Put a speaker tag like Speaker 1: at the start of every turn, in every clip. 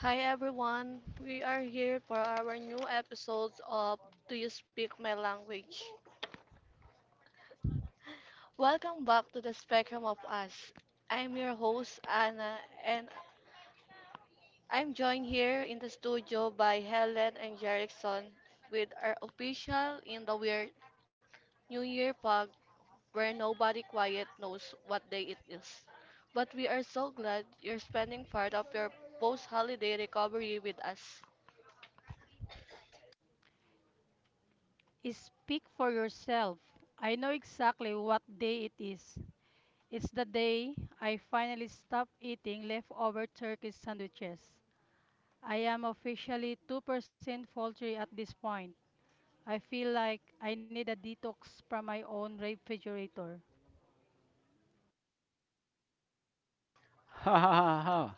Speaker 1: Hi everyone, we are here for our new episodes of Do You Speak My Language? Welcome back to the Spectrum of Us. I'm your host Anna and I'm joined here in the studio by Helen and Jerickson with our official in the weird New Year pug where nobody quiet knows what day it is. But we are so glad you're spending part of your post-holiday recovery with us.
Speaker 2: Speak for yourself. I know exactly what day it is. It's the day I finally stopped eating leftover turkey sandwiches. I am officially 2% poultry at this point. I feel like I need a detox from my own refrigerator.
Speaker 3: Ha ha ha ha.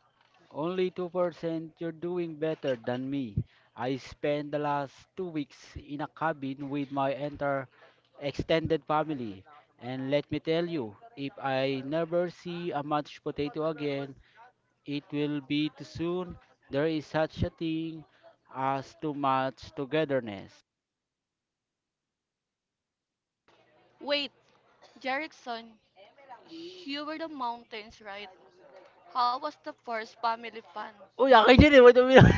Speaker 3: Only 2%, you're doing better than me. I spent the last 2 weeks in a cabin with my entire extended family. And let me tell you, if I never see a mashed potato again, it will be too soon. There is such a thing as too much togetherness.
Speaker 1: Wait, Jerickson, you were the mountains, right? How was the first family fun?
Speaker 3: Uy, akin yun eh. What do you mean?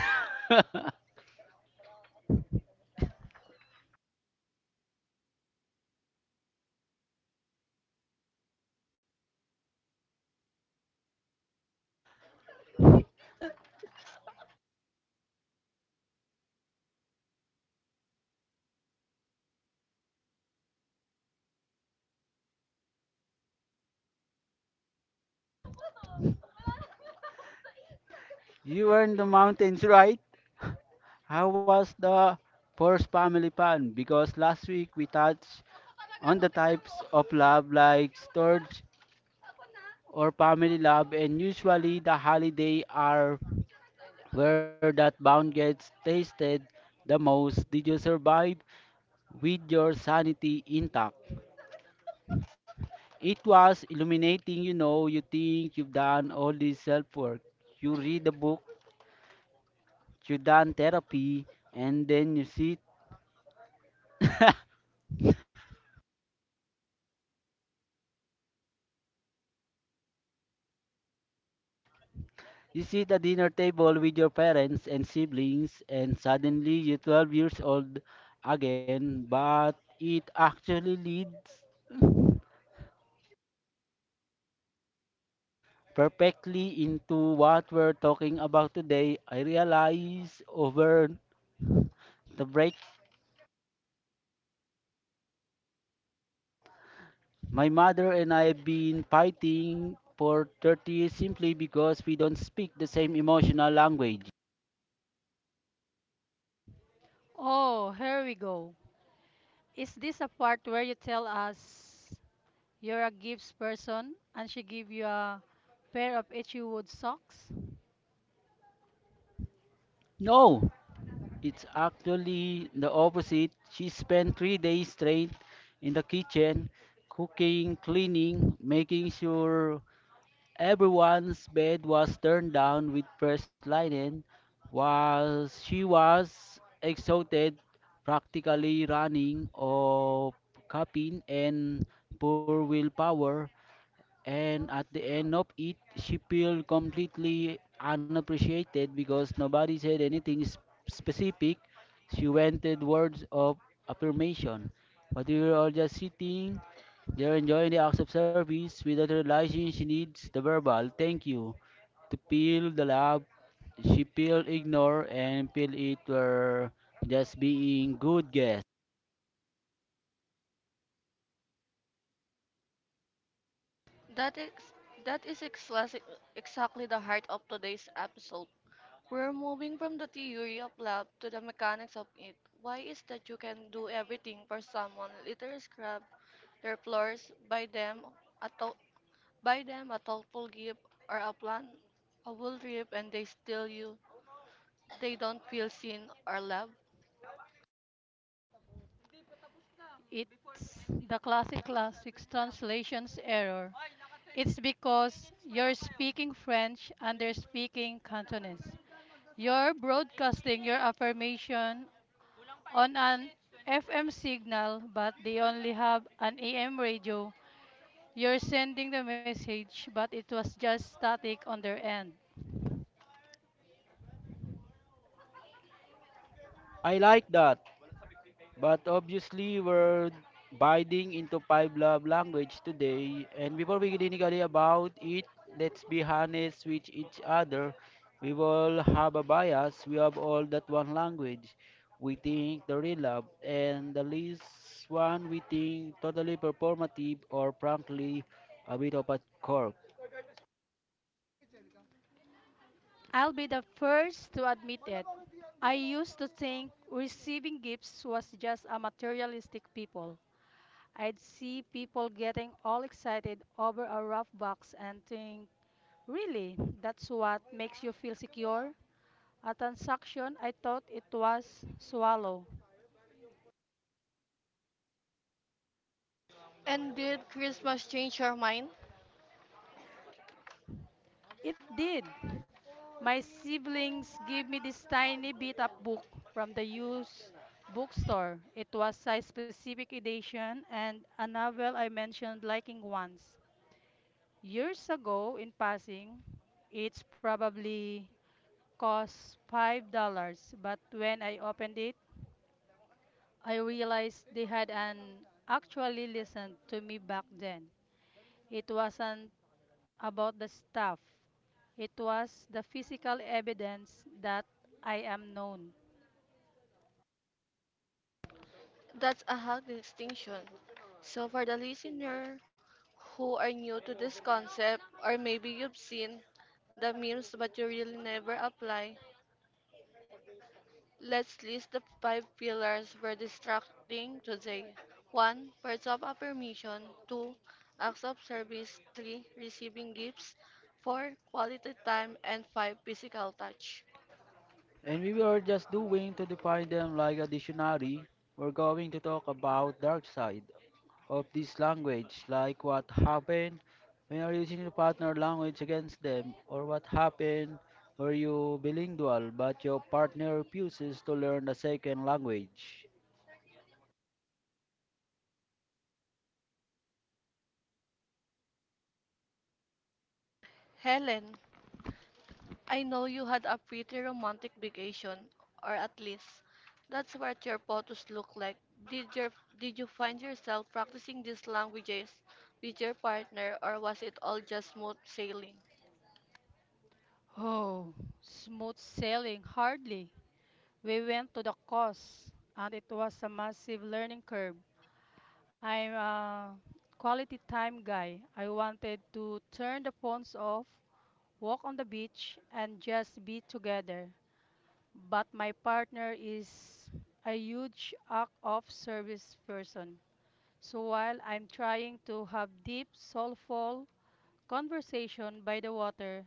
Speaker 3: You were in the mountains, right? How was the first family fun? Because last week we touched on the types of love like storage or family love, and usually the holiday are where that bond gets tasted the most. Did you survive with your sanity intact? It was illuminating, you know, you think you've done all this self work. You read the book, you done therapy, and then you sit You sit at dinner table with your parents and siblings, and suddenly you're 12 years old again, but it actually leads perfectly into what we're talking about today. I realize over the break, my mother and I have been fighting for 30 years simply because we don't speak the same emotional language.
Speaker 2: Oh, here we go. Is this a part where you tell us you're a gifts person and she give you a pair of H.E. Wood socks?
Speaker 3: No! It's actually the opposite. She spent 3 days straight in the kitchen, cooking, cleaning, making sure everyone's bed was turned down with fresh linen. While she was exhausted, practically running of caffeine and poor willpower, and at the end of it, she felt completely unappreciated because nobody said anything specific. She wanted words of affirmation. But we were all just sitting there enjoying the acts of service without realizing she needs the verbal thank you to feel the love. She feel ignored and feel it were just being good guests.
Speaker 1: That is that is exactly exactly the heart of today's episode. We're moving from the theory of love to the mechanics of it. Why is that you can do everything for someone, literally scrub their floors, a thou- buy them a thoughtful gift or a plan, a wool trip, and they steal you. They don't feel seen or loved.
Speaker 2: It's the classic classics translations error. It's because you're speaking French and they're speaking Cantonese. You're broadcasting your affirmation on an FM signal, but they only have an AM radio. You're sending the message, but it was just static on their end.
Speaker 3: I like that. But obviously, we're biting into five love language today. And before we clinically about it, let's be honest with each other. We all have a bias. We have all that one language. We think the real love, and the least one we think totally performative or frankly a bit of a corp.
Speaker 2: I'll be the first to admit it. I used to think receiving gifts was just a materialistic people. I'd see people getting all excited over a rough box and think, really, that's what makes you feel secure? A transaction, I thought it was swallow.
Speaker 1: And did Christmas change your mind?
Speaker 2: It did. My siblings gave me this tiny beat up book from the used bookstore. It was size specific edition and a novel I mentioned liking once. Years ago, in passing, it's probably cost $5, but when I opened it, I realized they had an actually listened to me back then. It wasn't about the stuff. It was the physical evidence that I am known.
Speaker 1: That's a healthy distinction. So, for the listener who are new to this concept, or maybe you've seen the memes but you really never apply, let's list the five pillars we're distracting today. 1. Words of affirmation. 2. Acts of service. 3. Receiving gifts. 4. Quality time. And 5. Physical touch.
Speaker 3: And we were just doing to define them like a dictionary. We're going to talk about dark side of this language, like what happened when you're using your partner language against them, or what happened where you bilingual but your partner refuses to learn a second language.
Speaker 1: Helen, I know you had a pretty romantic vacation, or at least that's what your photos look like. Did your did you find yourself practicing these languages with your partner, or was it all just smooth sailing?
Speaker 2: Oh, smooth sailing, hardly. We went to the course, and it was a massive learning curve. I'm a quality time guy. I wanted to turn the phones off walk on the beach, and just be together. But my partner is a huge act of service person. So while I'm trying to have deep, soulful conversation by the water,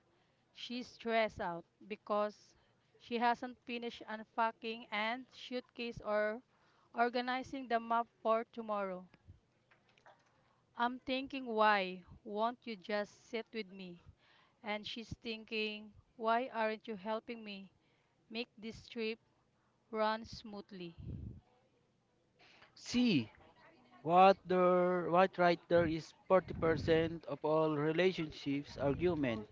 Speaker 2: she's stressed out because she hasn't finished unpacking and suitcase or organizing the map for tomorrow. I'm thinking, why won't you just sit with me? And she's thinking, why aren't you helping me? Make this trip run smoothly.
Speaker 3: See, what right there is 40% of all relationships argument.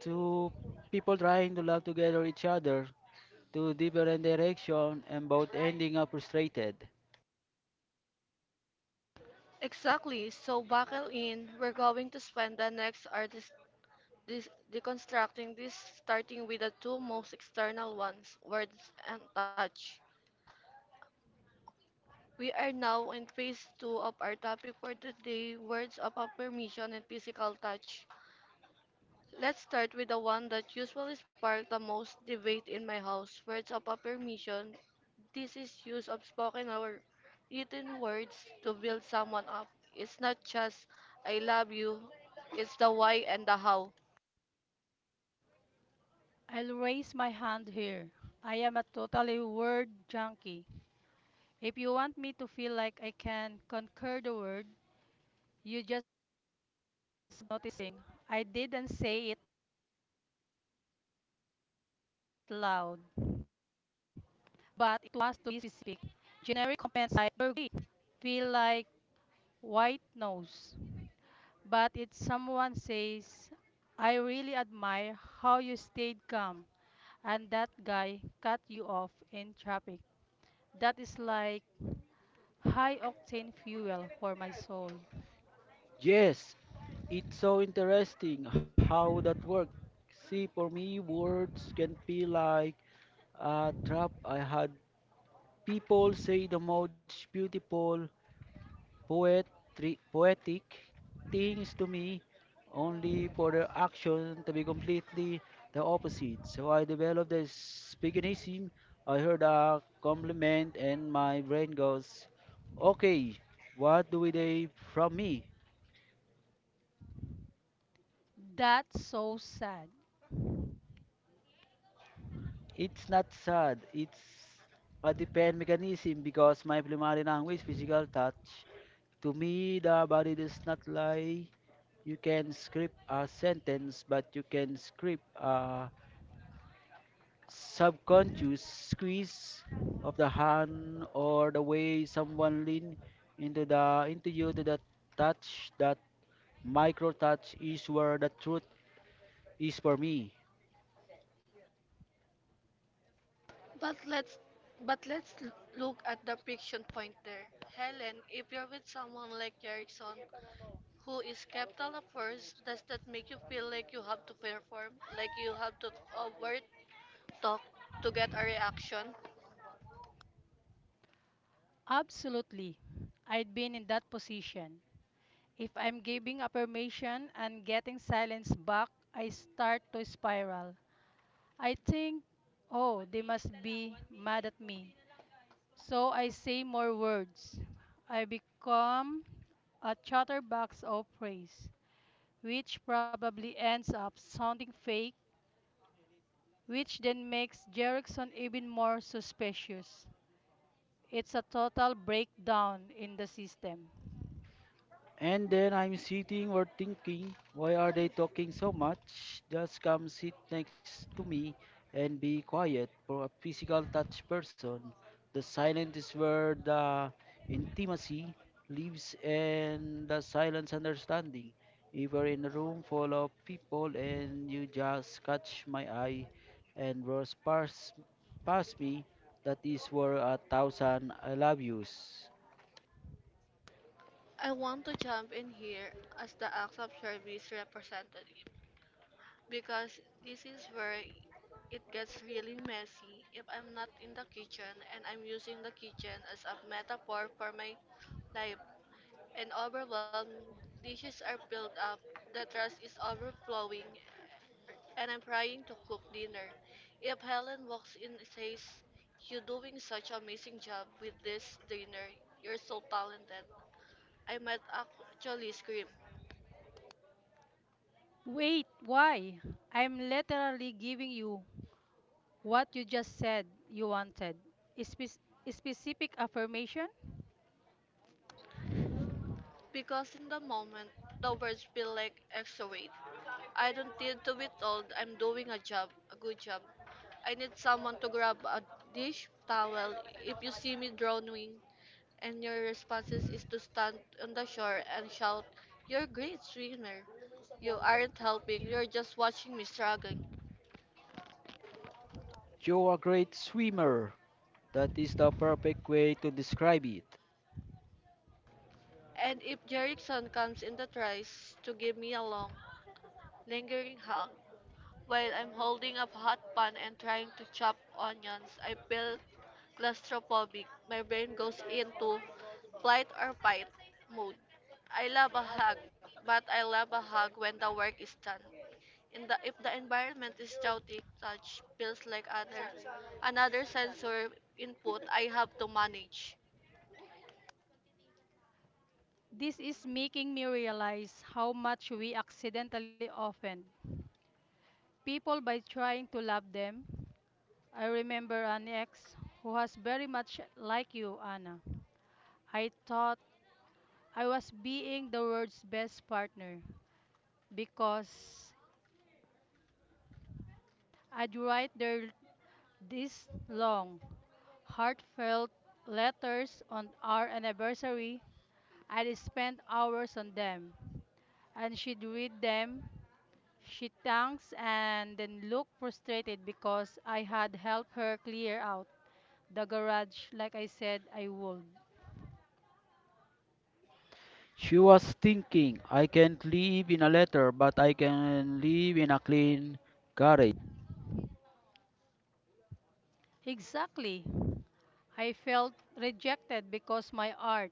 Speaker 3: Two people trying to love together each other to different directions and both ending up frustrated.
Speaker 1: Exactly. So buckle in. We're going to spend the next hour deconstructing this, starting with the two most external ones, words and touch. We are now in phase two of our topic for today, words of affirmation and physical touch. Let's start with the one that usually sparks the most debate in my house. Words of affirmation. This is use of spoken or written words to build someone up. It's not just I love you, it's the why and the how.
Speaker 2: I'll raise my hand here. I am a totally word junkie. If you want me to feel like I can conquer the world, you just notice thing. I didn't say it loud, but it was to be specific. Generic compliments like you're great feel like white noise. But if someone says, I really admire how you stayed calm and that guy cut you off in traffic. That is like high octane fuel for my soul.
Speaker 3: Yes, it's so interesting how that works. See, for me, words can feel like a trap. I had people say the most beautiful poetry, poetic things to me only for the action to be completely the opposite. So I developed this speakingism. I heard a compliment and my brain goes, okay, what do they from me?
Speaker 2: That's so sad.
Speaker 3: It's not sad. It's a depend mechanism because my primary language, physical touch. To me, the body does not lie. You can script a sentence, but you can script a subconscious squeeze of the hand or the way someone lean into you to the touch. That micro touch is where the truth is for me.
Speaker 1: But let's but let's look at the friction point there. Helen, if you're with someone like Erickson who is skeptical at first, does that make you feel like you have to perform, like you have to overt talk to get a reaction?
Speaker 2: Absolutely. I'd been in that position. If I'm giving affirmation and getting silence back, I start to spiral. I think, oh, they must be mad at me. So I say more words. I become a chatterbox of praise, which probably ends up sounding fake, which then makes Jerickson even more suspicious. It's a total breakdown in the system.
Speaker 3: And then I'm sitting or thinking, why are they talking so much? Just come sit next to me and be quiet. For a physical touch person, the silence is where the intimacy lives and the silence understanding. If you're in a room full of people and you just catch my eye and rush past me, that is worth a thousand I love yous.
Speaker 1: I want to jump in here as the acts of service representative because this is where it gets really messy. If I'm not in the kitchen and I'm using the kitchen as a metaphor for my life and overwhelmed, dishes are piled up, the trash is overflowing, and I'm trying to cook dinner. If Helen walks in and says, you're doing such an amazing job with this dinner, you're so talented, I might actually scream.
Speaker 2: Wait, why? I'm literally giving you what you just said you wanted. Spe- specific affirmation?
Speaker 1: Because in the moment, the words feel like extra weight. I don't need to be told I'm doing a job, a good job. I need someone to grab a dish towel. If you see me drowning, and your responses is to stand on the shore and shout, you're a great swimmer. You aren't helping, you're just watching me struggling.
Speaker 3: You're a great swimmer. That is the perfect way to describe it.
Speaker 1: And if Jerickson comes in the tries to give me a long, lingering hug, while I'm holding a hot pan and trying to chop onions, I feel claustrophobic. My brain goes into flight or fight mode. I love a hug, but I love a hug when the work is done. If the environment is chaotic, touch feels like another sensory input I have to manage.
Speaker 2: This is making me realize how much we accidentally offend people by trying to love them. I remember an ex who was very much like you, Anna. I thought I was being the world's best partner because I'd write their these long, heartfelt letters on our anniversary. I'd spend hours on them, and she'd read them. She thanks and then look frustrated because I had helped her clear out the garage like I said I would.
Speaker 3: She was thinking, I can't live in a letter, but I can live in a clean garage.
Speaker 2: Exactly. I felt rejected because my art,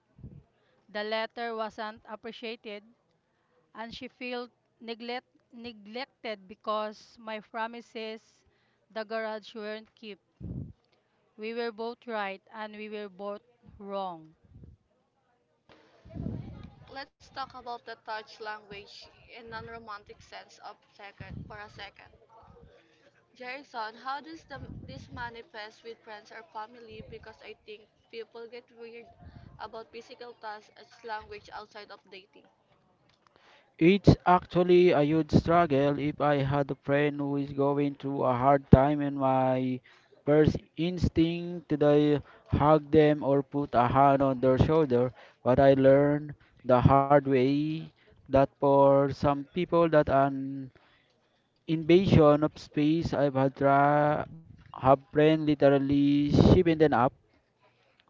Speaker 2: the letter wasn't appreciated, and she felt neglect, neglected because my promises, the garage weren't kept. We were both right and we were both wrong.
Speaker 1: Let's talk about the touch language in non-romantic sense of second for a second. Jason, how does this manifest with friends or family? Because I think people get weird about physical touch as language outside of dating.
Speaker 3: It's actually a huge struggle if I had a friend who is going through a hard time and my first instinct today hug them or put a hand on their shoulder, but I learned the hard way that for some people that an Invasion of Space, I Bhadra, her brain literally shivended up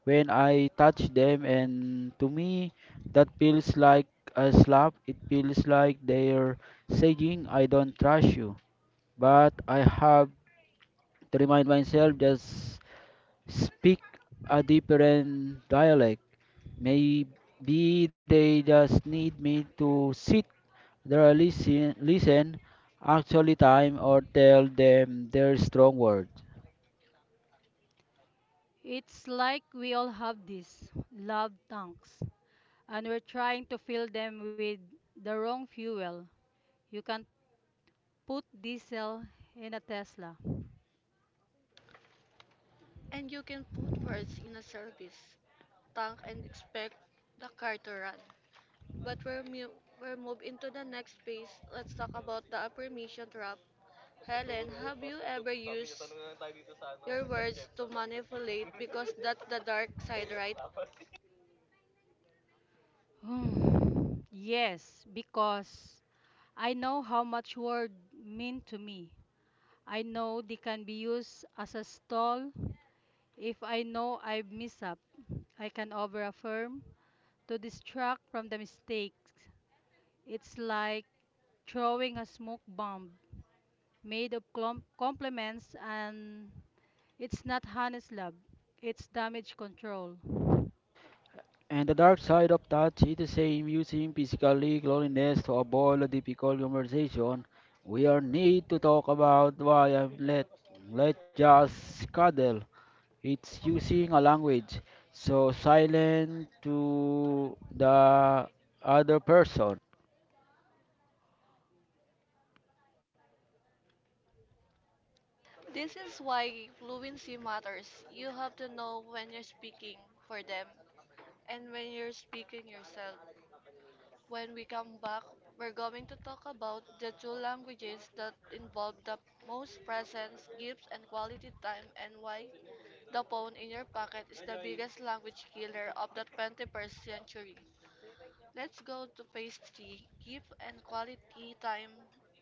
Speaker 3: when I touch them, and to me, that feels like a slap. It feels like they're saying, I don't trust you. But I have to remind myself just speak a different dialect. Maybe they just need me to sit there, listen, actually time, or tell them their strong words.
Speaker 2: It's like we all have these love tanks, and we're trying to fill them with the wrong fuel. You can put diesel in a Tesla.
Speaker 1: And you can put words in a service tank and expect the car to run. But we're, mu- we're moved into the next phase. Let's talk about the affirmation trap. Helen, have you ever used your words to manipulate? Because that's the dark side, right?
Speaker 2: Yes, because I know how much word mean to me. I know they can be used as a stall. If I know I've messed up, I can overaffirm to distract from the mistakes. It's like throwing a smoke bomb made of compliments, and it's not honest love, it's damage control.
Speaker 3: And the dark side of touch is the same using physically loneliness to avoid a difficult conversation. We are need to talk about why I'm let just cuddle. It's using a language, so silent to the other person.
Speaker 1: This is why fluency matters. You have to know when you're speaking for them and when you're speaking yourself. When we come back, we're going to talk about the two languages that involve the most presence, gifts, and quality time, and why the phone in your pocket is the biggest language killer of the 21st century. Let's go to phase 3 gift and quality time,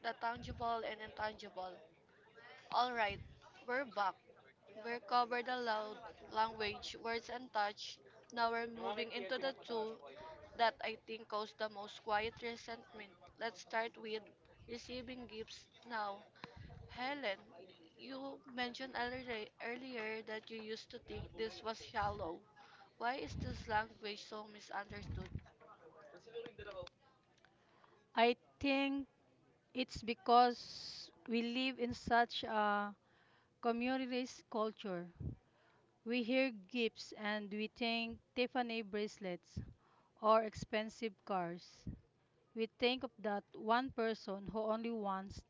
Speaker 1: the tangible and intangible. Alright, we're back. We covered the loud language, words, and touch. Now we're moving into the tool that I think caused the most quiet resentment. Let's start with receiving gifts now. Helen, you mentioned earlier that you used to think this was shallow. Why is this language so misunderstood?
Speaker 2: I think it's because we live in such a communities, culture. We hear gifts and we think Tiffany bracelets or expensive cars. We think of that one person who only wants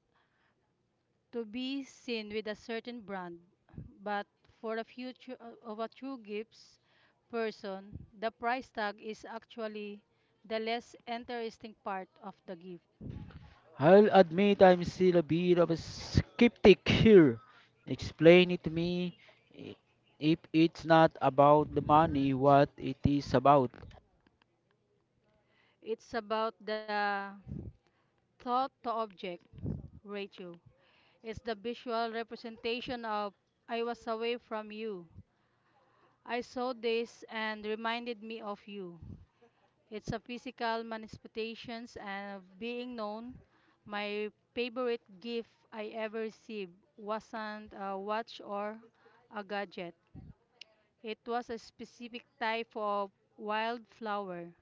Speaker 2: to be seen with a certain brand. But for the future of a true gifts person, the price tag is actually the less interesting part of the gift.
Speaker 3: I'll admit I'm still a bit of a skeptic here. Explain it to me i- if it's not about the money, what it is about.
Speaker 2: It's about the thought to object ratio. It's the visual representation of I was away from you. I saw this and reminded me of you. It's a physical manifestation and of being known. My favorite gift I ever received wasn't a watch or a gadget. It was a specific type of wildflower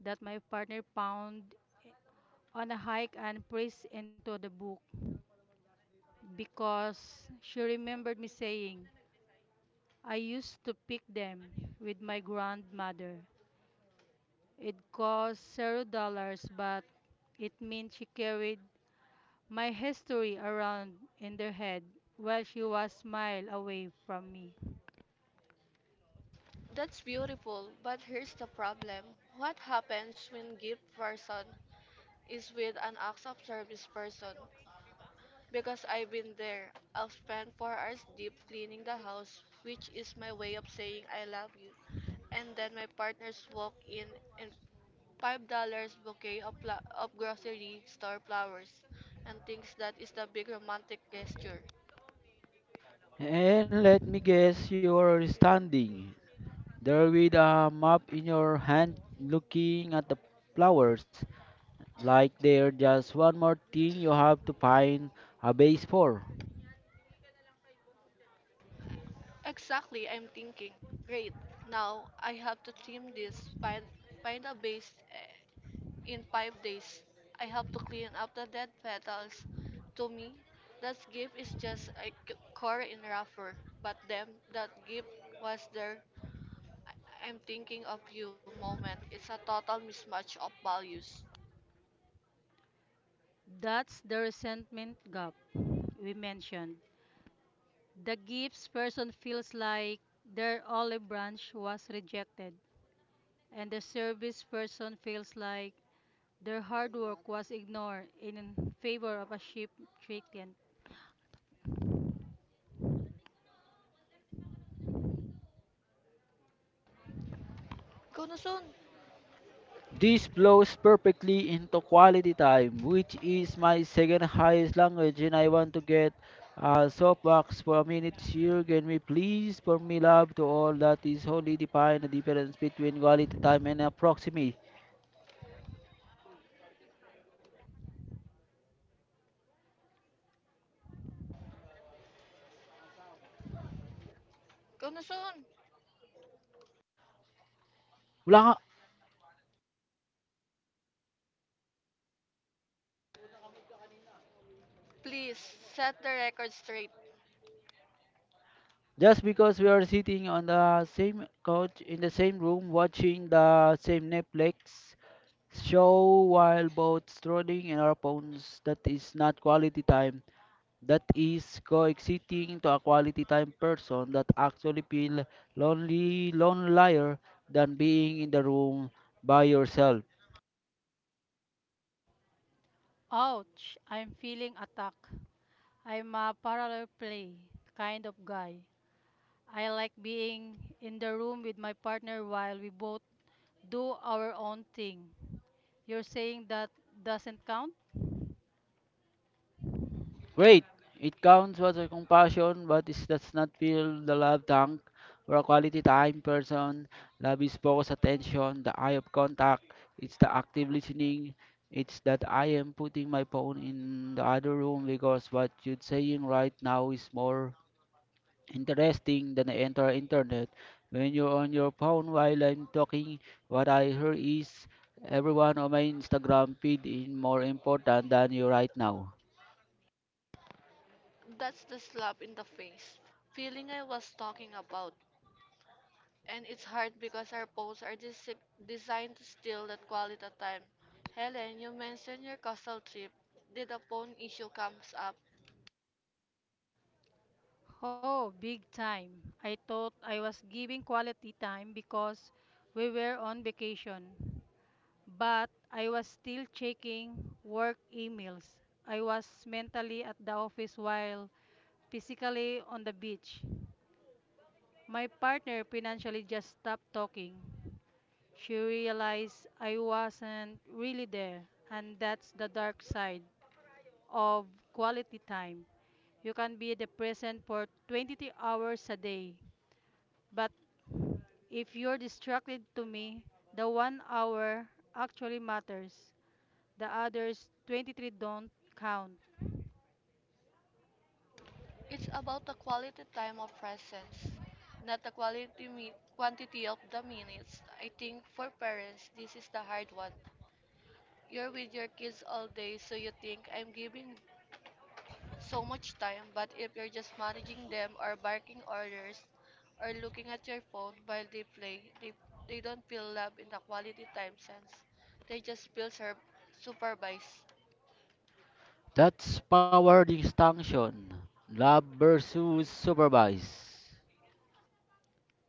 Speaker 2: that my partner found on a hike and pressed into the book because she remembered me saying, I used to pick them with my grandmother. It cost $0, but it meant she carried my history around in her head while she was mile away from me.
Speaker 1: That's beautiful, but here's the problem. What happens when gift person is with an acts of service person? Because I've been there. I'll spend 4 hours deep cleaning the house, which is my way of saying I love you. And then my partners walk in and $5 bouquet of grocery store flowers and thinks that is the big romantic gesture.
Speaker 3: And let me guess you're standing there with a map in your hand looking at the flowers like they're just one more thing you have to find a base for.
Speaker 1: Exactly, I'm thinking. Great. Now I have to trim this, find a base. In 5 days, I have to clean up the dead petals. To me, that gift is just a core in wrapper, but them, that gift was there. I'm thinking of you moment. It's a total mismatch of values.
Speaker 2: That's the resentment gap we mentioned. The gifts person feels like their olive branch was rejected, and the service person feels like their hard work was ignored in favor of a cheap trick.
Speaker 1: Go na soon!
Speaker 3: This flows perfectly into quality time, which is my second highest language, and I want to get a soapbox for a minute here. Can we please, for me, love to all that is wholly define the difference between quality time and proximity.
Speaker 1: Go na soon!
Speaker 3: Wala ka-
Speaker 1: Please, set the record straight.
Speaker 3: Just because we are sitting on the same couch in the same room watching the same Netflix show while both strolling in our phones, that is not quality time. That is coexisting to a quality time person that actually feel lonely lonelier than being in the room by yourself.
Speaker 2: Ouch, I'm feeling attacked. I'm a parallel play kind of guy. I like being in the room with my partner while we both do our own thing. You're saying that doesn't count?
Speaker 3: Great. It counts as a compassion, but it does not fill the love tank for a quality time person. Love is focused attention, the eye of contact, it's the active listening, it's that I am putting my phone in the other room because what you're saying right now is more interesting than I enter internet. When you're on your phone while I'm talking, what I hear is everyone on my Instagram feed is more important than you right now.
Speaker 1: That's the slap in the face feeling I was talking about. And it's hard because our posts are designed to steal that quality time. Helen, you mentioned your coastal trip. Did a phone issue comes up?
Speaker 2: Oh, big time. I thought I was giving quality time because we were on vacation. But I was still checking work emails. I was mentally at the office while physically on the beach. My partner financially just stopped talking. She realized I wasn't really there, and that's the dark side of quality time. You can be the present for 23 hours a day, but if you're distracted to me, the 1 hour actually matters. The others 23 don't count.
Speaker 1: It's about the quality time of presence, not the quantity of the minutes. I think for parents, this is the hard one. You're with your kids all day, so you think I'm giving so much time, but if you're just managing them or barking orders or looking at your phone while they play, they don't feel love in the quality time sense. They just feel supervised.
Speaker 3: That's power distinction. Love versus supervise.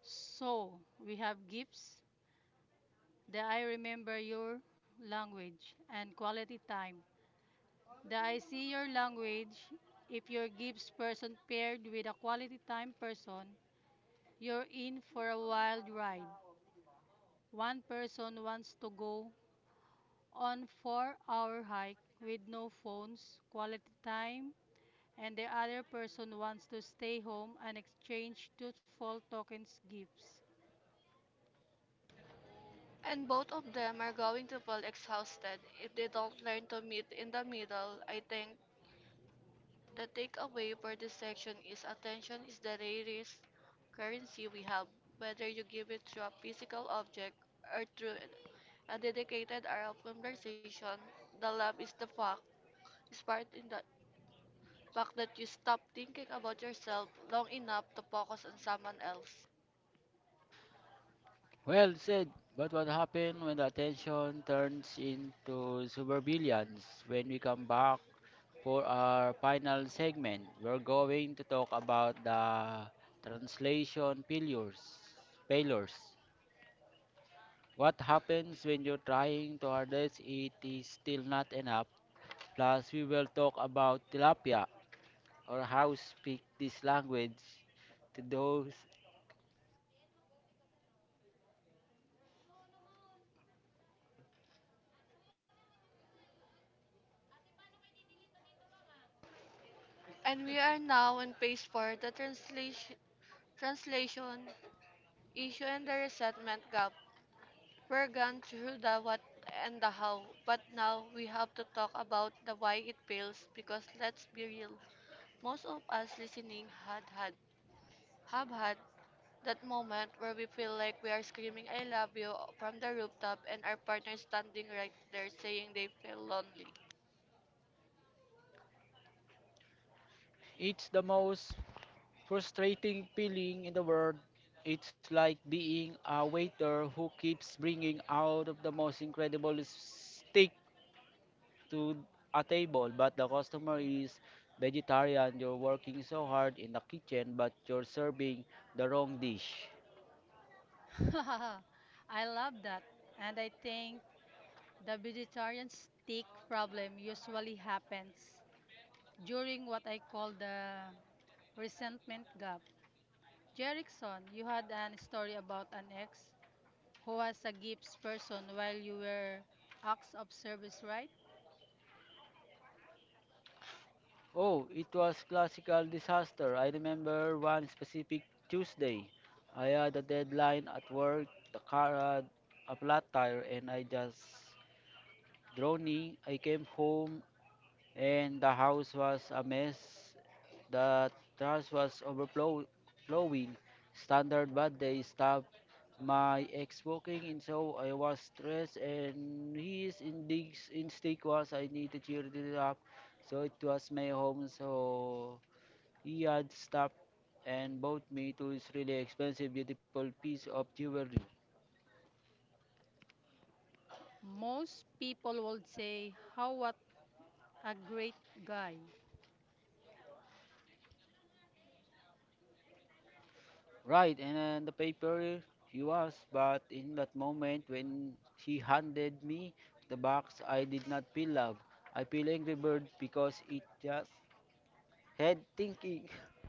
Speaker 2: So, we have gifts, the I remember your language, and quality time. The I see your language, if your gifts person paired with a quality time person, you're in for a wild ride. One person wants to go on 4-hour hike with no phones, quality time, and the other person wants to stay home and exchange truthful tokens gifts.
Speaker 1: And both of them are going to feel exhausted if they don't learn to meet in the middle. I think the takeaway for this section is attention is the rarest currency we have, whether you give it through a physical object or through a dedicated hour of conversation. The love is the fact, sparked in the fact that you stop thinking about yourself long enough to focus on someone else.
Speaker 3: Well said. But what happens when the attention turns into supervillains? When we come back, for our final segment, we're going to talk about the translation failures. What happens when you're trying to harvest it is still not enough. Plus, we will talk about tilapia or how speak this language to those.
Speaker 1: And we are now on page 4, the translation issue and the resentment gap. We're gone through the what and the how, but now we have to talk about the why it fails because let's be real. Most of us listening had had have had that moment where we feel like we are screaming I love you from the rooftop and our partner is standing right there saying they feel lonely.
Speaker 3: It's the most frustrating feeling in the world. It's like being a waiter who keeps bringing out of the most incredible steak to a table, but the customer is vegetarian. You're working so hard in the kitchen, but you're serving the wrong dish.
Speaker 2: I love that. And I think the vegetarian steak problem usually happens during what I call the Resentment Gap. Jerickson, you had an story about an ex who was a gifts person while you were acts of service, right?
Speaker 3: Oh, it was classical disaster. I remember one specific Tuesday. I had a deadline at work, the car had a flat tire, and I just drowning. I came home and the house was a mess. The trash was overflowing. Standard bad day stopped my ex walking and so I was stressed, and his instinct was I need to cheer it up. So it was my home, so he had stopped and bought me to his really expensive, beautiful piece of jewelry.
Speaker 2: Most people would say, how what a great guy.
Speaker 3: Right, and then the paper he was, but in that moment when he handed me the box, I did not feel love. I feel angry bird because it just had thinking.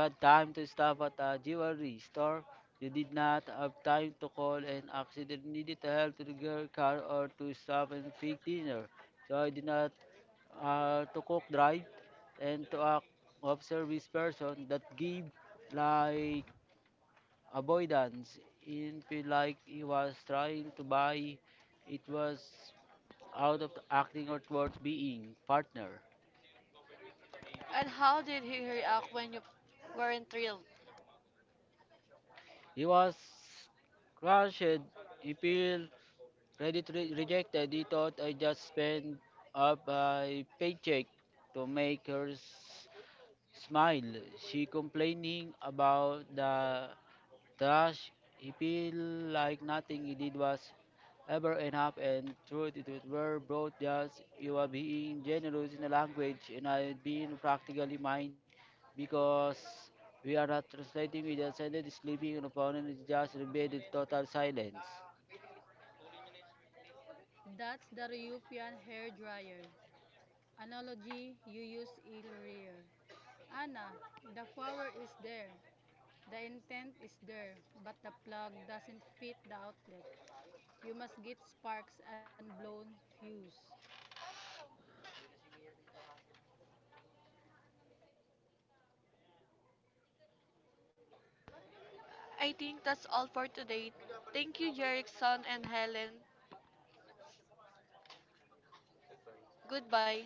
Speaker 3: You had time to stop at a jewelry store. You did not have time to call an accident needed to help to the girl car or to stop and fix dinner. So I did not to cook drive and to act of service person that gave like avoidance. It feel like he was trying to buy it was out of acting or toward being partner.
Speaker 1: And how did he react when you weren't thrilled?
Speaker 3: He was crushed. He feel ready to rejected. He thought I just spent up my paycheck to make her smile. She complaining about the thus, he felt like nothing he did was ever enough, and truth it would were both just you are being generous in the language and I being practically mine because we are not translating with a sentence sleeping and opponent is just embedded total silence.
Speaker 2: That's the European hair dryer analogy you use earlier. Anna, the power is there. The intent is there, but the plug doesn't fit the outlet. You must get sparks and blown fuse.
Speaker 1: I think that's all for today. Thank you, Jerickson and Helen. Goodbye.